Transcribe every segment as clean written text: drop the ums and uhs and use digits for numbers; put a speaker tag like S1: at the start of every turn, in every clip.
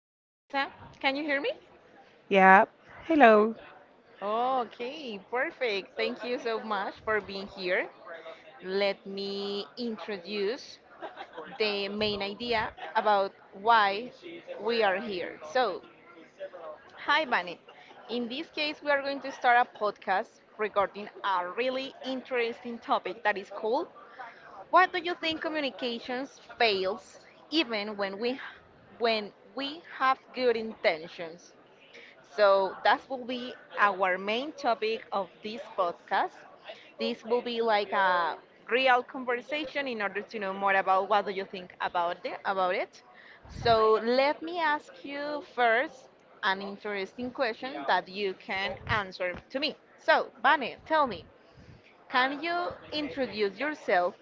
S1: Hi, Vanessa. Can you hear me?
S2: Yeah. Hello.
S1: Oh, Okay, perfect. Thank you so much for being here. Let me introduce the main idea about why we are here. So, hi, Vane. In this case, we are going to start a podcast regarding a really interesting topic that is called, why do you think communications fails even when we have good intentions? So that will be our main topic of this podcast. This will be like a real conversation in order to know more about what do you think about it. So let me ask you first an interesting question that you can answer to me. So, Vane, tell me, can you introduce yourself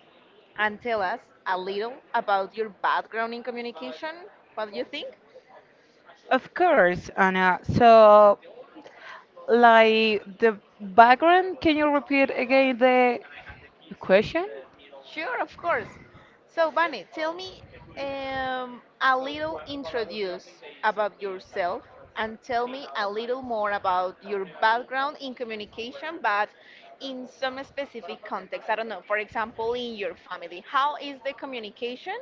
S1: and tell us a little about your background in communication? What do you think?
S2: Of course, Anna. So, like the background, can you repeat again the question?
S1: Sure, of course. So, Bunny, tell me a little, introduce about yourself and tell me a little more about your background in communication, but in some specific context. I don't know, for example, in your family. How is the communication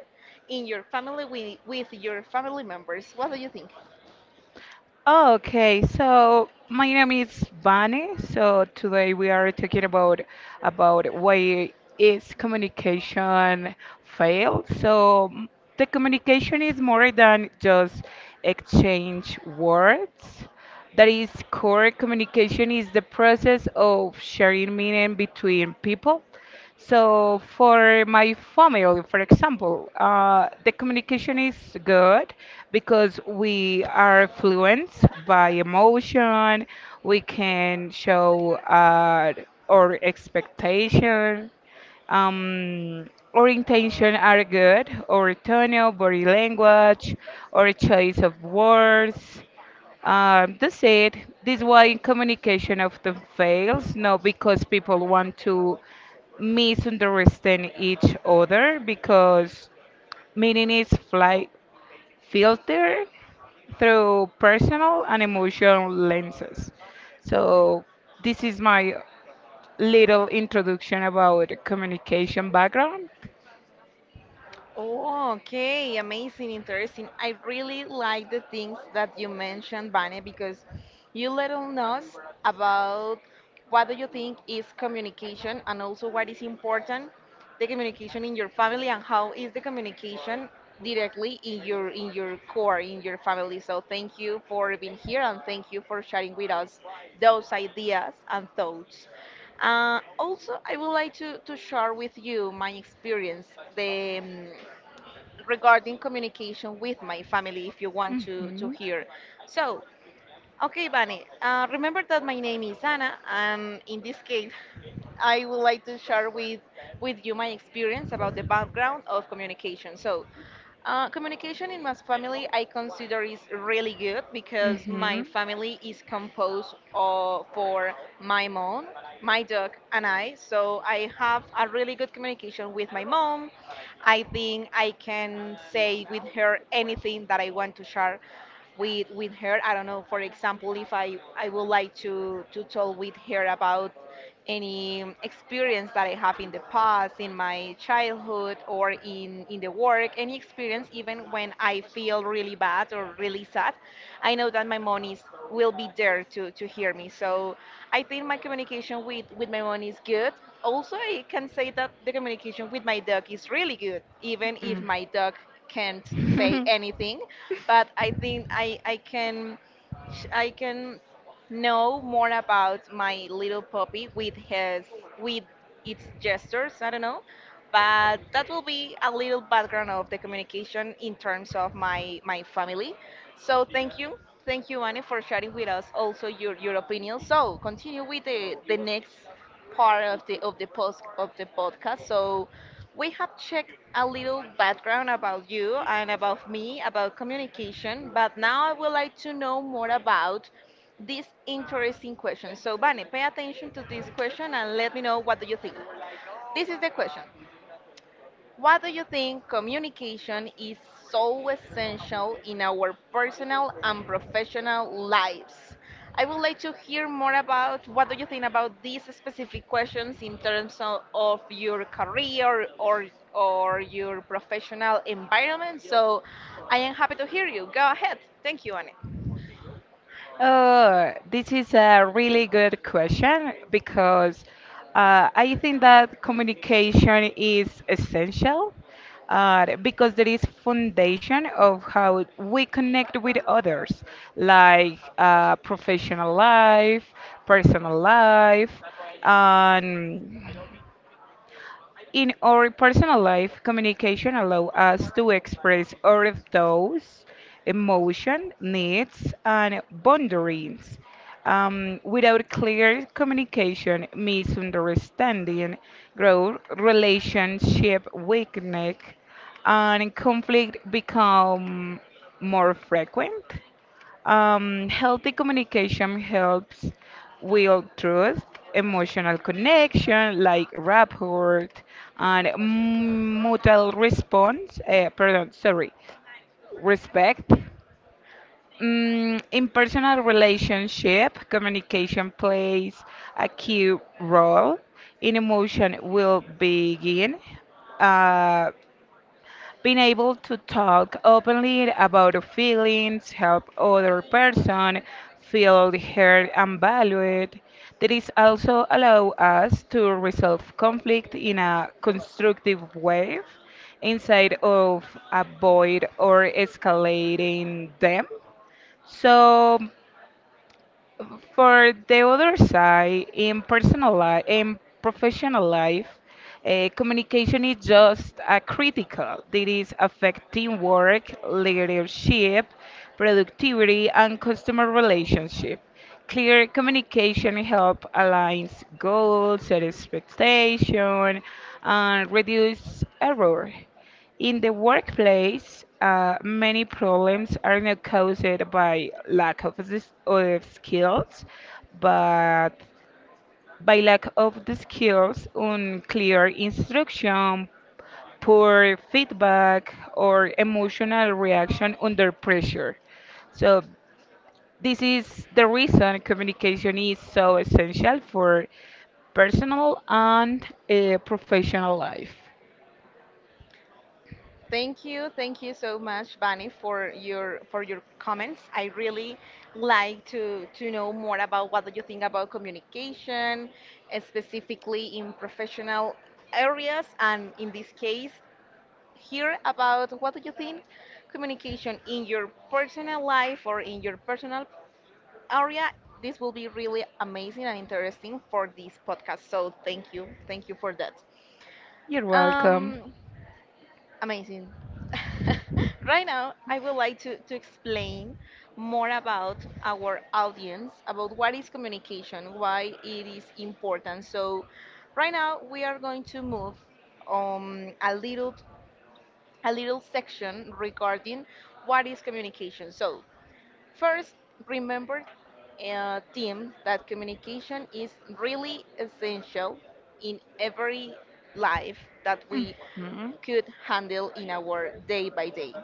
S1: in your family with your family members? What do you think?
S2: Okay, so my name is Vane. So today we are talking about why is communication failed. So the communication is more than just exchange words. That is core communication is the process of sharing meaning between people. So for my family, for example, the communication is good because we are fluent by emotion. We can show our expectation. Our intention are good. Our tone, body language, our choice of words. They said this why communication often fails, not because people want to misunderstand each other, because meaning is fly filtered through personal and emotional lenses. So this is my little introduction about communication background.
S1: Oh, okay, amazing, interesting. I really like the things that you mentioned, Vane, because you let us about what do you think is communication, and also what is important, the communication in your family and how is the communication directly in your core, in your family. So thank you for being here and thank you for sharing with us those ideas and thoughts. Also, I would like to share with you my experience. The Regarding communication with my family, if you want to
S2: Mhm.
S1: hear. So, okay, Bunny, remember that my name is Anna, and in this case, I would like to share with you my experience about the background of communication. So, communication in my family, I consider is really good, because my
S2: Mhm.
S1: family is composed of for my mom, my dog, and I. So I have a really good communication with my mom. I think I can say with her anything that I want to share with her. I don't know, for example, if I would like to talk with her about any experience that I have in the past, in my childhood, or in the work, any experience, even when I feel really bad or really sad, I know that my mom is, will be there to hear me. So I think my communication with my mom is good. Also, I can say that the communication with my dog is really good, even if my dog can't say anything. But I think I can know more about my little puppy with his, with its gestures. I don't know, but that will be a little background of the communication in terms of my family. So thank you, thank you, Annie, for sharing with us also your opinion. So continue with the next part of the post, of the podcast. So we have checked a little background about you and about me, about communication, but now I would like to know more about this interesting question. So, Vane, pay attention to this question and let me know what do you think. This is the question: why do you think communication is so essential in our personal and professional lives? I would like to hear more about what do you think about these specific questions in terms of your career or your professional environment. So I am happy to hear you. Go ahead. Thank you, Anne.
S2: This is a really good question because I think that communication is essential because there is foundation of how we connect with others, like professional life, personal life, and in our personal life, communication allows us to express our thoughts, emotion, needs, and boundaries. Without clear communication, misunderstanding, growth, relationship weakness, and conflict become more frequent. Healthy communication helps build trust, emotional connection like rapport, and mutual response. Pardon, sorry, respect. In personal relationship, communication plays a key role in emotion will begin. uh, Being able to talk openly about our feelings help other person feel heard and valued. That is also allow us to resolve conflict in a constructive way inside of avoid or escalating them. So for the other side, in personal life, in professional life, communication is just a critical. It is affecting work, leadership, productivity, and customer relationship. Clear communication help aligns goals, set expectation, and reduce error. In the workplace, many problems are not caused by lack of, this, of skills, but by lack of the skills, unclear instruction, poor feedback, or emotional reaction under pressure. So, this is the reason communication is so essential for personal and professional life.
S1: Thank you so much, Bani, for your comments. I really like to know more about what do you think about communication, specifically in professional areas, and in this case, here about what do you think communication in your personal life or in your personal area. This will be really amazing and interesting for this podcast. So thank you for that.
S2: You're welcome.
S1: Um, Amazing. Right now, I would like to explain more about our audience, about what is communication, why it is important. So, right now, we are going to move a little section regarding what is communication. So, first, remember, team, that communication is really essential in every life that we
S2: Mhm.
S1: could handle in our day by day.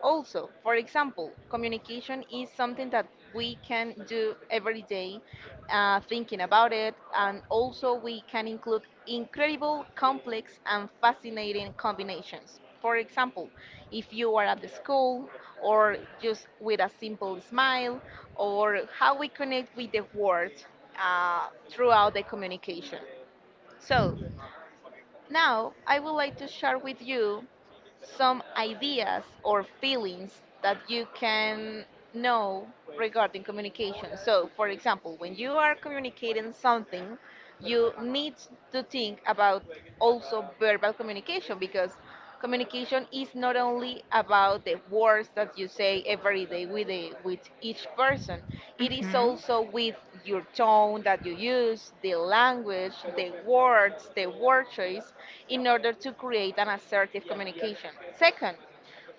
S1: Also, for example, communication is something that we can do every day, thinking about it, and also we can include incredible, complex, and fascinating combinations. For example, if you are at the school, or just with a simple smile, or how we connect with the world throughout the communication. So, now, I would like to share with you some ideas or feelings that you can know regarding communication. So, for example, when you are communicating something, you need to think about also verbal communication, because communication is, it's not only about the words that you say every day with with each person. It is
S2: Mhm.
S1: also with your tone that you use, the language, the words, the word choice, in order to create an assertive communication. Second,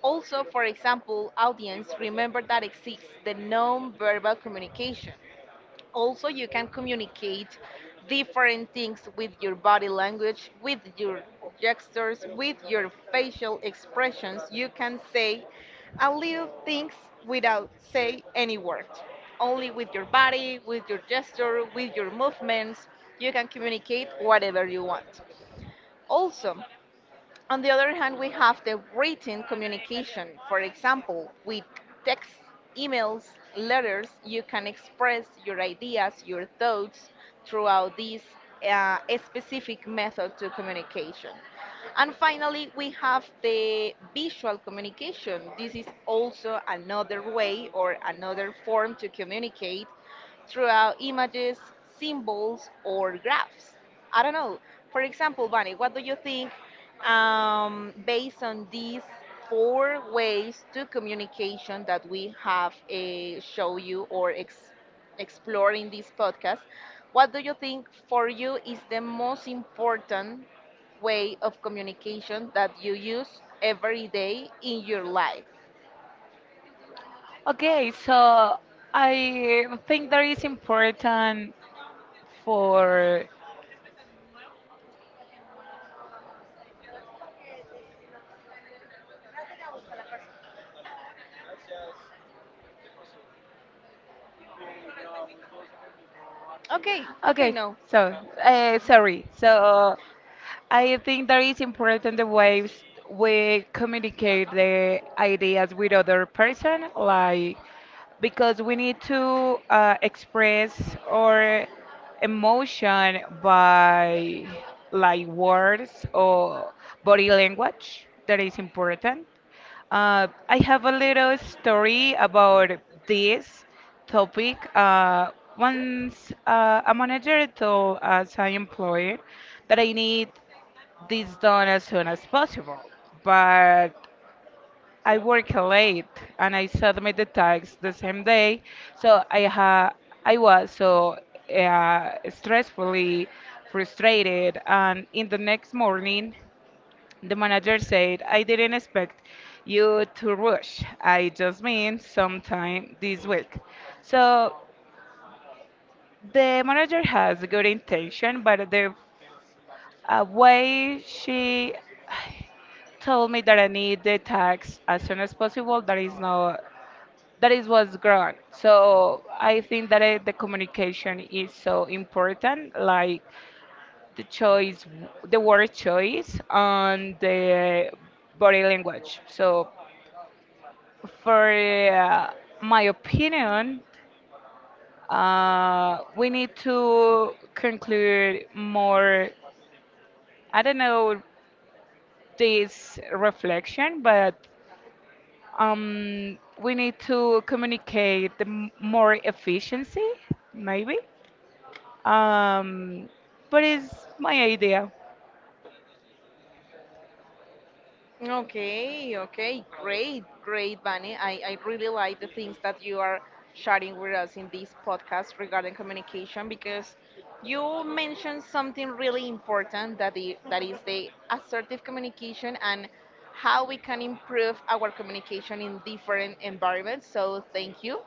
S1: also, for example, audience, remember that exists the non-verbal communication. Also, you can communicate different things with your body language, with your gestures, with your facial expressions. You can say a little things without say any word, only with your body, with your gesture, with your movements. You can communicate whatever you want. Also, on the other hand, we have the written communication. For example, with text, emails, letters, you can express your ideas, your thoughts throughout this specific method to communication. And finally, we have the visual communication. This is also another way or another form to communicate throughout images, symbols, or graphs. I don't know. For example, Bunny, what do you think based on these four ways to communication that we have show you or explore in this podcast? What do you think, for you, is the most important way of communication that you use every day in your life?
S2: Okay, so I think that is important for.
S1: Okay, okay,
S2: Okay,
S1: no.
S2: so sorry. So I think that is important the ways we communicate the ideas with other person, like because we need to express our emotion by like words or body language. That is important. I have a little story about this topic. Once a manager told us an employer that I need this done as soon as possible. But I work late and I submit the tax the same day, so I was so stressfully frustrated. And in the next morning, the manager said, "I didn't expect you to rush. I just mean sometime this week." So the manager has good intention, but the way she told me that I need the tax as soon as possible. That is not That is what's wrong. So I think that the communication is so important, like the choice, the word choice on the body language. So for uh, my opinion, we need to conclude more. I don't know this reflection, but we need to communicate the more efficiency, maybe. Um, but it's my idea.
S1: Okay, okay, great, great, Vani. I really like the things that you are sharing with us in this podcast regarding communication, because you mentioned something really important that that is the assertive communication and how we can improve our communication in different environments. So thank you.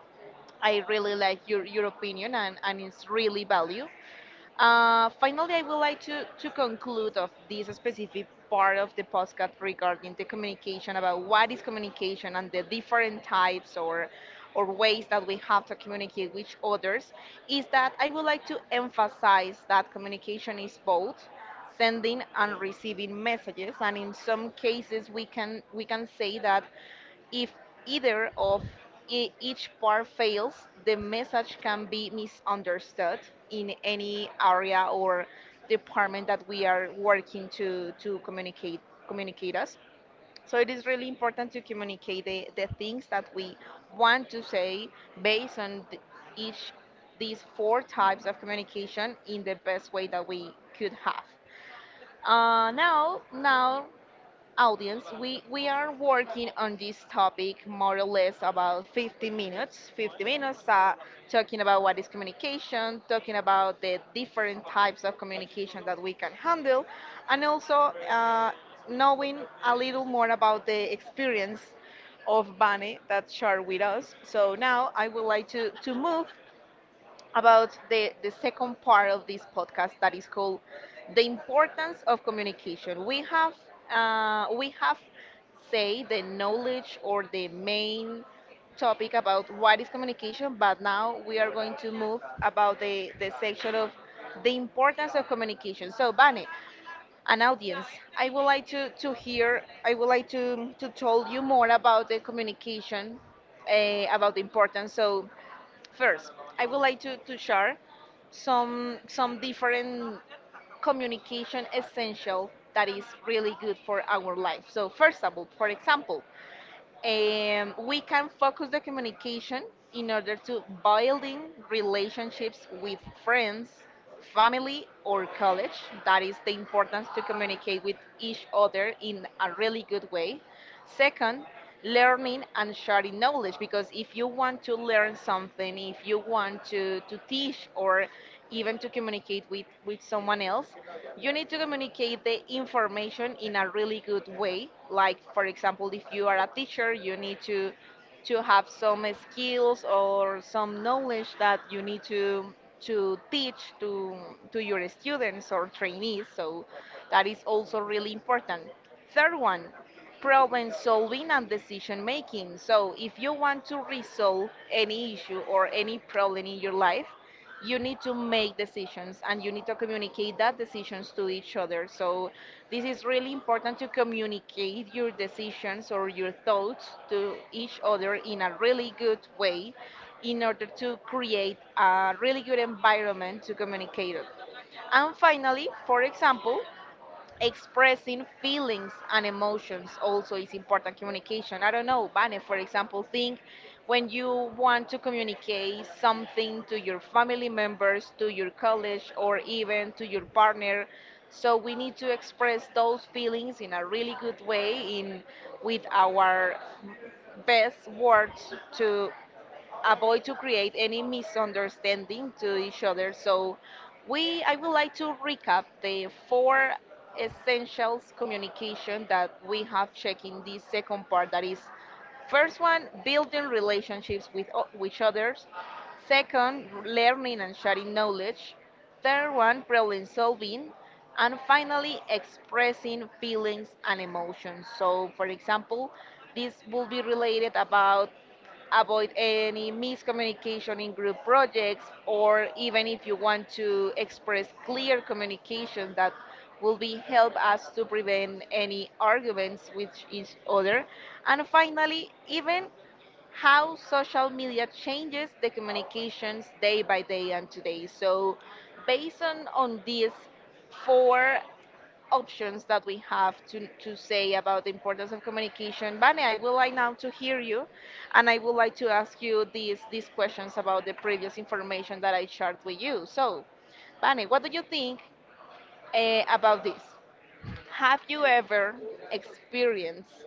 S1: I really like your opinion, and it's really value. Finally, I would like to conclude of this specific part of the podcast regarding the communication about what is communication and the different types or ways that we have to communicate with others, is that I would like to emphasize that communication is both sending and receiving messages, and in some cases we can say that if either of each part fails, the message can be misunderstood in any area or department that we are working to communicate us. So it is really important to communicate the things that we want to say based on each these four types of communication in the best way that we could have. Now audience, we are working on this topic more or less about 50 minutes. 50 minutes talking about what is communication, talking about the different types of communication that we can handle, and also knowing a little more about the experience of Bane that shared with us. So now I would like to move about the second part of this podcast, that is called the importance of communication. We have say the knowledge or the main topic about what is communication, but now we are going to move about the section of the importance of communication. So, Bane, an audience, I would like to hear I would like to tell you more about the communication, about the importance. So, first, I would like to share some different communication essential that is really good for our life. So first of all, for example, we can focus the communication in order to building relationships with friends, family, or college. That is the importance to communicate with each other in a really good way. Second, learning and sharing knowledge, because if you want to learn something, if you want to teach or even to communicate with someone else, you need to communicate the information in a really good way. Like, for example, if you are a teacher, you need to have some skills or some knowledge that you need to teach to your students or trainees, so that is also really important. Third one, problem solving and decision making. So if you want to resolve any issue or any problem in your life, you need to make decisions and you need to communicate that decisions to each other. So this is really important to communicate your decisions or your thoughts to each other in a really good way in order to create a really good environment to communicate it. And finally, for example, expressing feelings and emotions also is important communication. I don't know, Vane, for example, think when you want to communicate something to your family members, to your college, or even to your partner, so we need to express those feelings in a really good way in with our best words to avoid to create any misunderstanding to each other. So we I would like to recap the four essentials communication that we have checked in this second part, that is, first one, building relationships with with others, second, learning and sharing knowledge, third one, problem solving, and finally, expressing feelings and emotions. So, for example, this will be related about avoid any miscommunication in group projects, or even if you want to express clear communication, that will be help us to prevent any arguments with each other, and finally even how social media changes the communications day by day and today. So based on these four options that we have to say about the importance of communication, Vane, I would like now to hear you, and I would like to ask you these questions about the previous information that I shared with you. So, Vane, what do you think about this? Have you ever experienced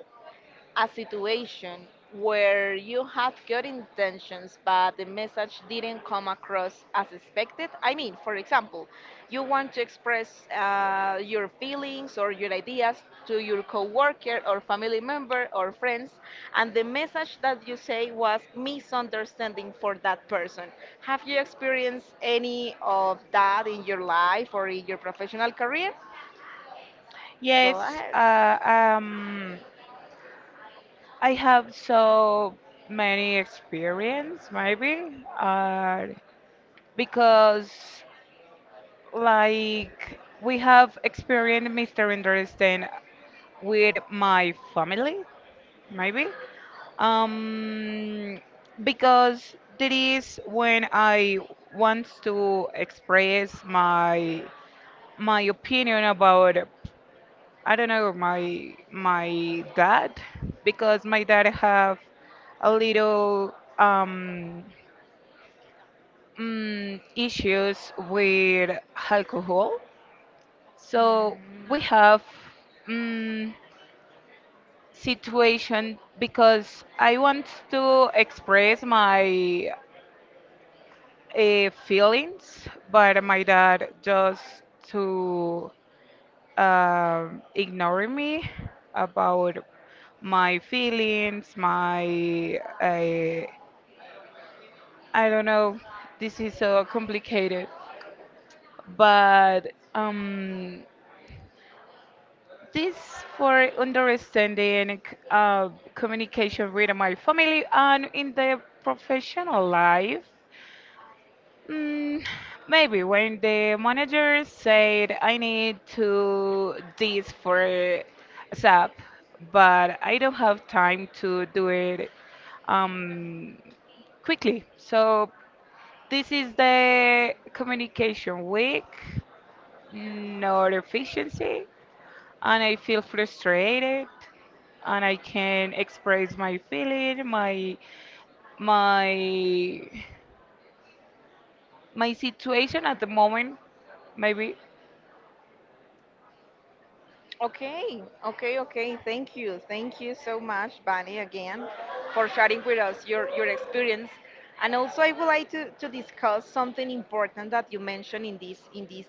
S1: a situation where you had good intentions but the message didn't come across as expected? I mean, for example, you want to express your feelings or your ideas to your coworker or family member or friends, and the message that you say was misunderstanding for that person. Have you experienced any of that in your life or in your professional career? Go
S2: Yes,
S1: ahead.
S2: I have so many experience, maybe, because like we have experienced misunderstanding with my family, maybe. Um, because that is when I want to express my opinion about I don't know my dad because my dad have a little issues with alcohol. So
S1: Mm.
S2: we have mm, situation because I want to express my feelings, but my dad just to ignore me about my feelings, my. I don't know. This is so complicated, but this for understanding uh, communication with my family and in the professional life. Mm, Maybe when the manager said I need to this for SAP, but I don't have time to do it um, quickly. So this is the communication week, not efficiency, and I feel frustrated and I can express my feeling, my my situation at the moment, maybe.
S1: Okay, okay, okay. Thank you. Thank you so much, Bunny, again, for sharing with us your experience. And also I would like to discuss something important that you mentioned in this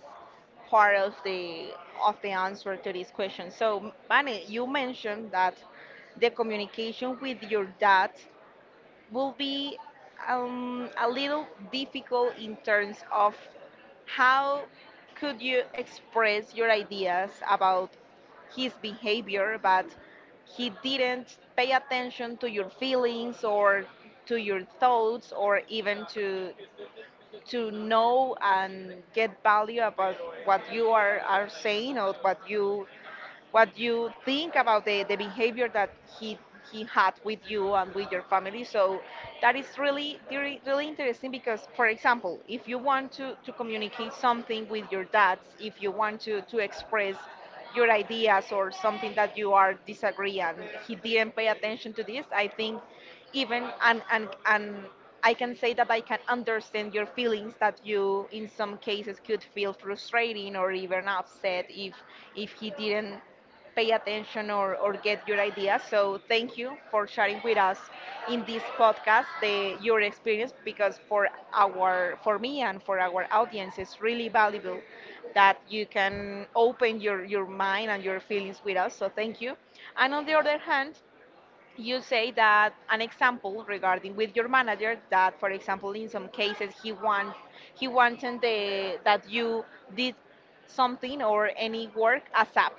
S1: part of the answer to this question. So, Bunny, you mentioned that the communication with your dad will be a little difficult in terms of how could you express your ideas about his behavior, but he didn't pay attention to your feelings or to your thoughts, or even to know and get value about what you are saying, or what you think about the behavior that he had with you and with your family. So that is really really, really interesting because, for example, if you want to communicate something with your dads, if you want to express your ideas or something that you are disagree, and he didn't pay attention to this, I think, even and I can say that I can understand your feelings, that you in some cases could feel frustrating or even upset if he didn't pay attention or get your ideas. So thank you for sharing with us in this podcast the your experience, because for our for me and for our audience it's really valuable that you can open your mind and your feelings with us. So thank you. And on the other hand, you say that an example regarding with your manager, that for example in some cases he wanted the, that you did something or any work asap,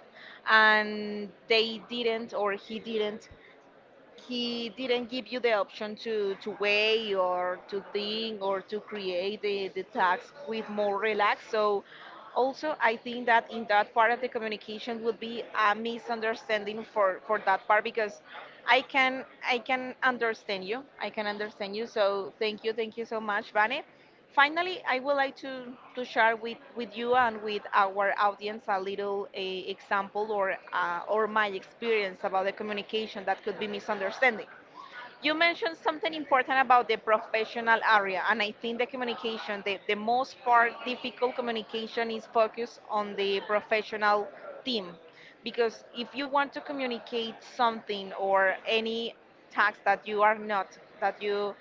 S1: and they didn't or he didn't give you the option to weigh or to think or to create the task with more relax. So also I think that in that part of the communication would be a misunderstanding for that part, because I can understand you. I can understand you. So thank you so much, Vane. Finally, I would like to share with you and with our audience a little a example, or my experience about the communication that could be misunderstanding. You mentioned something important about the professional area, and I think the communication, the most part difficult communication is focused on the professional team. Because if you want to communicate something or any task that you are not, that you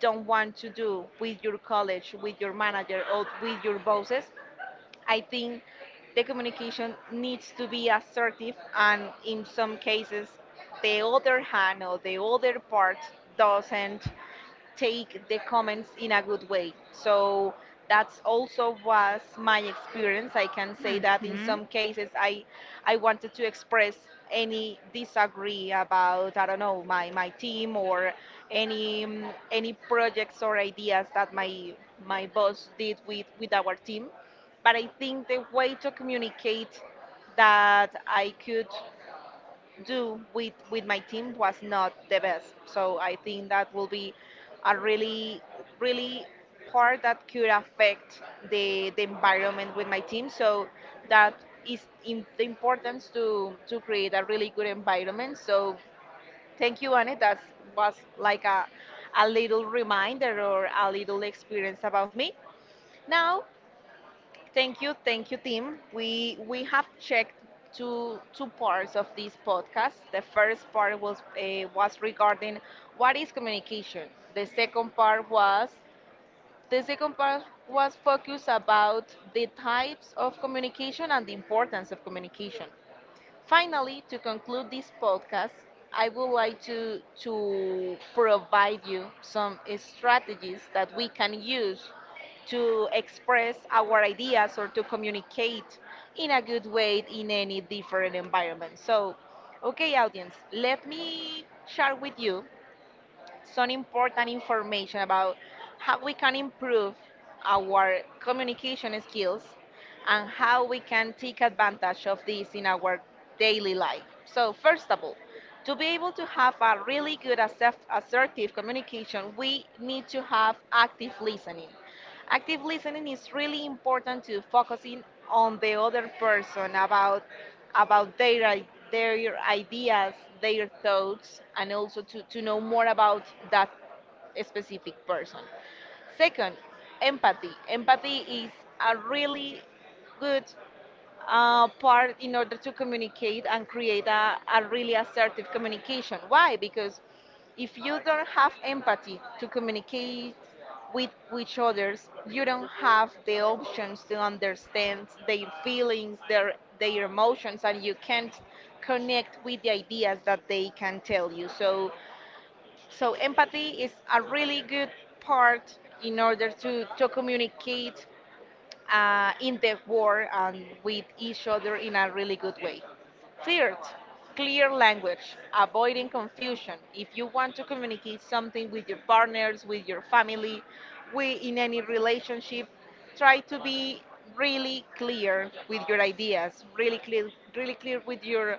S1: don't want to do with your college, with your manager, or with your bosses, I think the communication needs to be assertive, and in some cases, the other hand or the other part doesn't take the comments in a good way. So that's also was my experience. I can say that in
S2: Mhm.
S1: some cases I wanted to express any disagree about, I don't know, my team or any projects or ideas that my boss did with our team. But I think the way to communicate that I could do with my team was not the best. So I think that will be a really really part that could affect the environment with my team. So that is in the importance to create a really good environment. So thank you, Anne. That was like a little reminder or a little experience about me. Now thank you, thank you, team. We have checked two parts of this podcast. The first part was regarding what is communication. The second part was the second part was focused about the types of communication and the importance of communication. Finally, to conclude this podcast, I would like to provide you some strategies that we can use to express our ideas or to communicate in a good way in any different environment. So, okay, audience, let me share with you some important information about how we can improve our communication skills and how we can take advantage of this in our daily life. So, first of all, to be able to have a really good assertive communication, we need to have active listening. Active listening is really important to focusing on the other person about their their ideas, their thoughts, and also to know more about that specific person. Second, empathy. Empathy is a really good part in order to communicate and create a really assertive communication. Why? Because if you don't have empathy to communicate with each others, you don't have the options to understand their feelings, their emotions, and you can't connect with the ideas that they can tell you. So so empathy is a really good part in order to communicate in the war and with each other in a really good way. Third, clear language, avoiding confusion. If you want to communicate something with your partners, with your family, we, in any relationship, try to be really clear with your ideas, really clear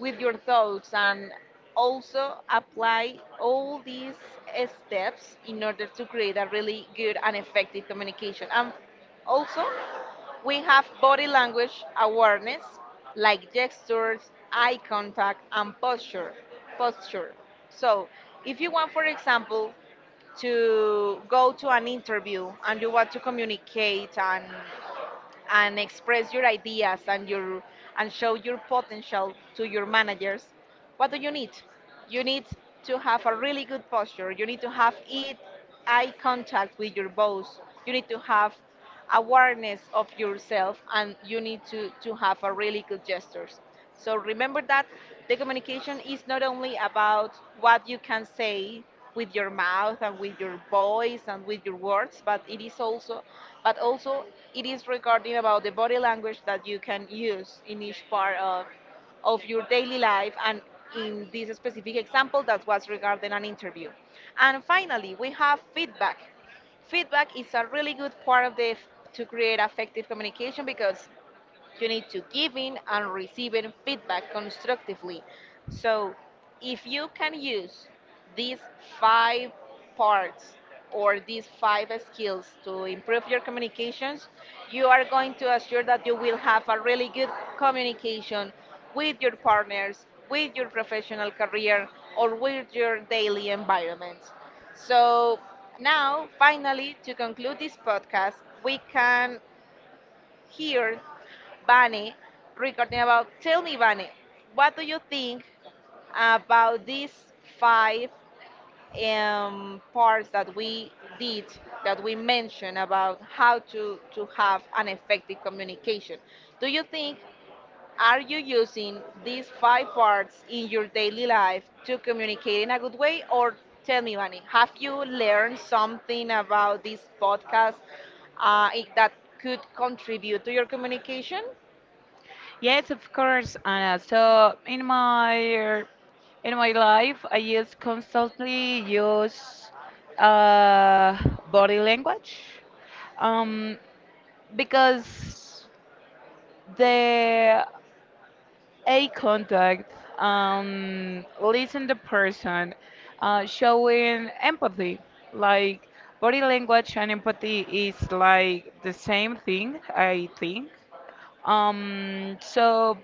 S1: with your thoughts, and also apply all these steps in order to create a really good and effective communication. And also we have body language awareness, like gestures, eye contact, and posture. Posture. So, if you want, for example, to go to an interview and you want to communicate and express your ideas and your and show your potential to your managers, what do you need? You need to have a really good posture, you need to have it eye contact with your boss, you need to have awareness of yourself, and you need to have a really good gestures. So remember that the communication is not only about what you can say with your mouth and with your voice and with your words, but it is also, but also it is regarding about the body language that you can use in each part of your daily life and in this specific example that was regarding an interview. And finally, we have feedback. Feedback is a really good part of the to create effective communication, because you need to give in and receiving feedback constructively. So if you can use these five parts or these five skills to improve your communications, you are going to assure that you will have a really good communication with your partners, with your professional career, or with your daily environment. So, now, finally, to conclude this podcast, we can hear Vane recording about, tell me, Vane, what do you think about these five parts that we did that we mentioned about how to have an effective communication? Do you think, are you using these five parts in your daily life to communicate in a good way? Or tell me, Vani, have you learned something about this podcast that could contribute to your communication?
S2: Yes, of course, Anna. So in my life, I use constantly use uh, body language, um, because the eye contact, listen the person, showing empathy, like body language and empathy is like the same thing, I think. Um, so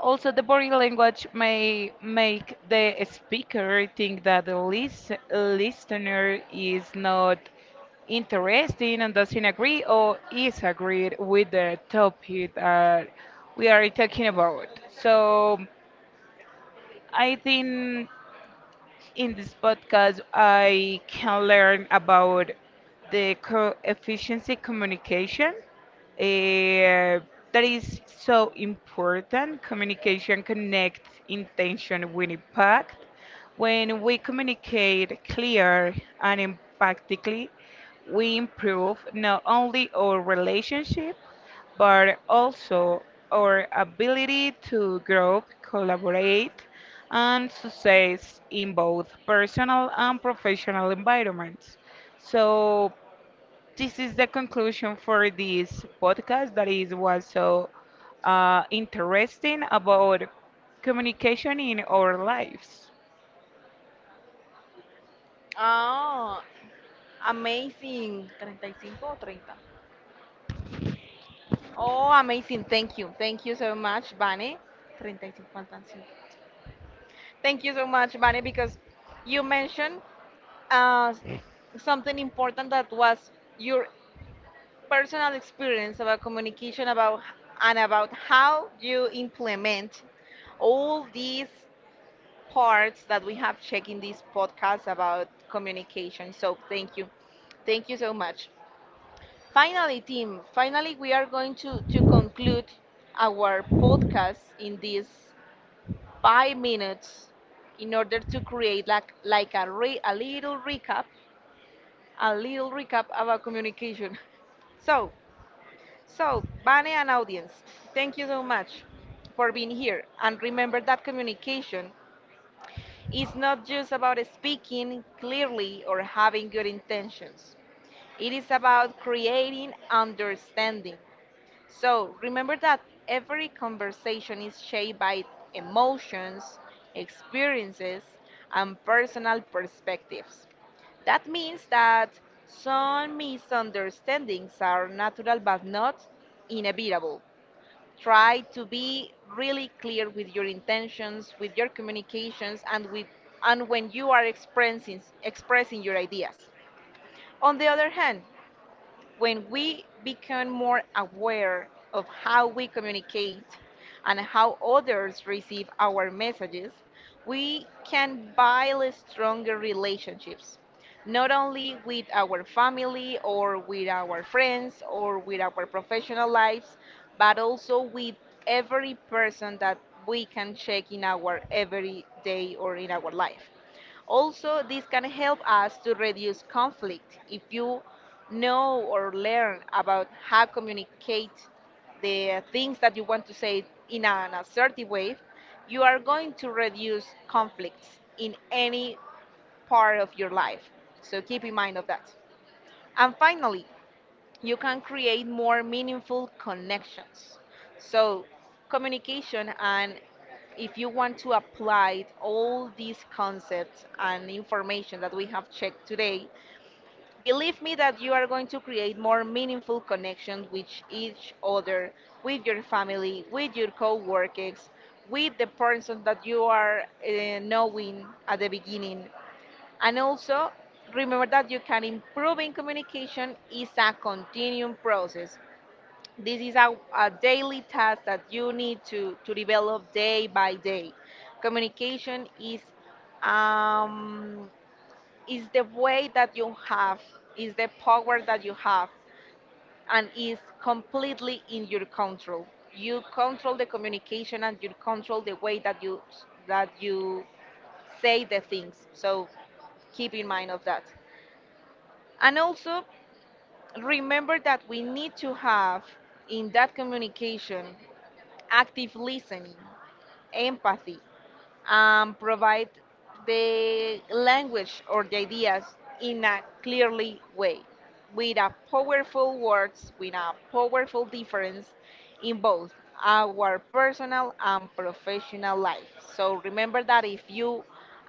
S2: Also, the body language may make the speaker think that the listener is not interesting and doesn't agree or is agreed with the topic that we are talking about. So, I think in this podcast, I can learn about the co efficiency communication. eh, that is so important. Communication connects intention with impact. When we communicate clear and impactfully, we improve not only our relationship but also our ability to grow, collaborate, and success in both personal and professional environments. So this is the conclusion for this podcast that is was so interesting about communication in our lives.
S1: Oh, amazing. 35 o 30. Oh, amazing. Thank you. Thank you so much, Vani. 35 faltan 5. Thank you so much, Vani, because you mentioned uh, something important that was your personal experience about communication and about how you implement all these parts that we have checked in this podcast about communication. So thank you. Thank you so much. Finally, team, finally we are going to conclude our podcast in these 5 minutes in order to create like a little recap about communication. So So, Vane and audience, thank you so much for being here. And remember that communication is not just about speaking clearly or having good intentions, it is about creating understanding. So, remember that every conversation is shaped by emotions, experiences, and personal perspectives. That means that some misunderstandings are natural but not inevitable. Try to be really clear with your intentions, with your communications, and with and when you are expressing your ideas. On the other hand, when we become more aware of how we communicate and how others receive our messages, we can build stronger relationships, not only with our family or with our friends or with our professional lives, but also with every person that we can check in our everyday or in our life. Also, this can help us to reduce conflict. If you know or learn about how communicate the things that you want to say in an assertive way, you are going to reduce conflicts in any part of your life. So keep in mind of that. And finally, you can create more meaningful connections. So, communication, and if you want to apply all these concepts and information that we have checked today, believe me that you are going to create more meaningful connections with each other, with your family, with your co workers, with the person that you are knowing at the beginning. And also, remember that you can improve in communication is a continuing process. This is a daily task that you need to develop day by day. Communication um, is the way that you have, is the power that you have, and is completely in your control. You control the communication and you control the way that you say the things. So keep in mind of that. And also remember that we need to have in that communication active listening, empathy, and provide the language or the ideas in a clearly way, with a powerful words, with a powerful difference in both our personal and professional life. So remember that if you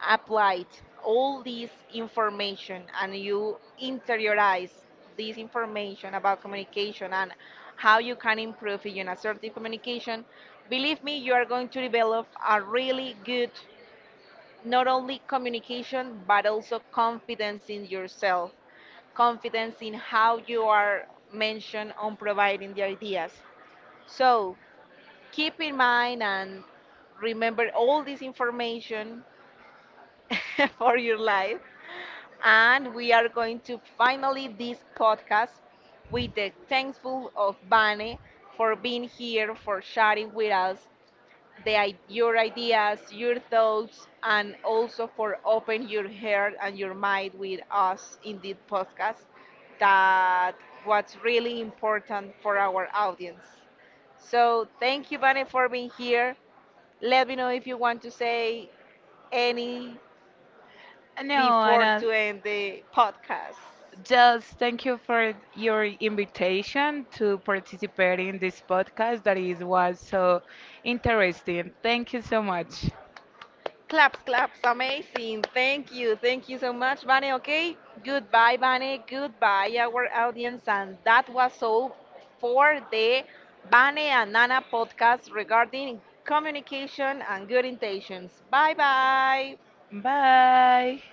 S1: applied all this information and you interiorize this information about communication and how you can improve in assertive communication, believe me, you are going to develop a really good not only communication but also confidence in yourself, confidence in how you are mentioned on providing the ideas. So, keep in mind and remember all this information for your life. And we are going to finally this podcast with the thankful of Bane for being here, for sharing with us your ideas, your thoughts, and also for open your heart and your mind with us in this podcast. That what's really important for our audience. So thank you, Bane, for being here. Let me know if you want to say any
S2: No,
S1: before
S2: Anna,
S1: to end the podcast.
S2: just thank you for your invitation to participate in this podcast that is was so interesting. Thank you so much.
S1: Claps, claps, amazing. Thank you. Thank you so much, Vane. Okay, goodbye, Vane. Goodbye, our audience. And that was all for the Vane and Nana podcast regarding communication and good intentions. Bye bye.
S2: Bye.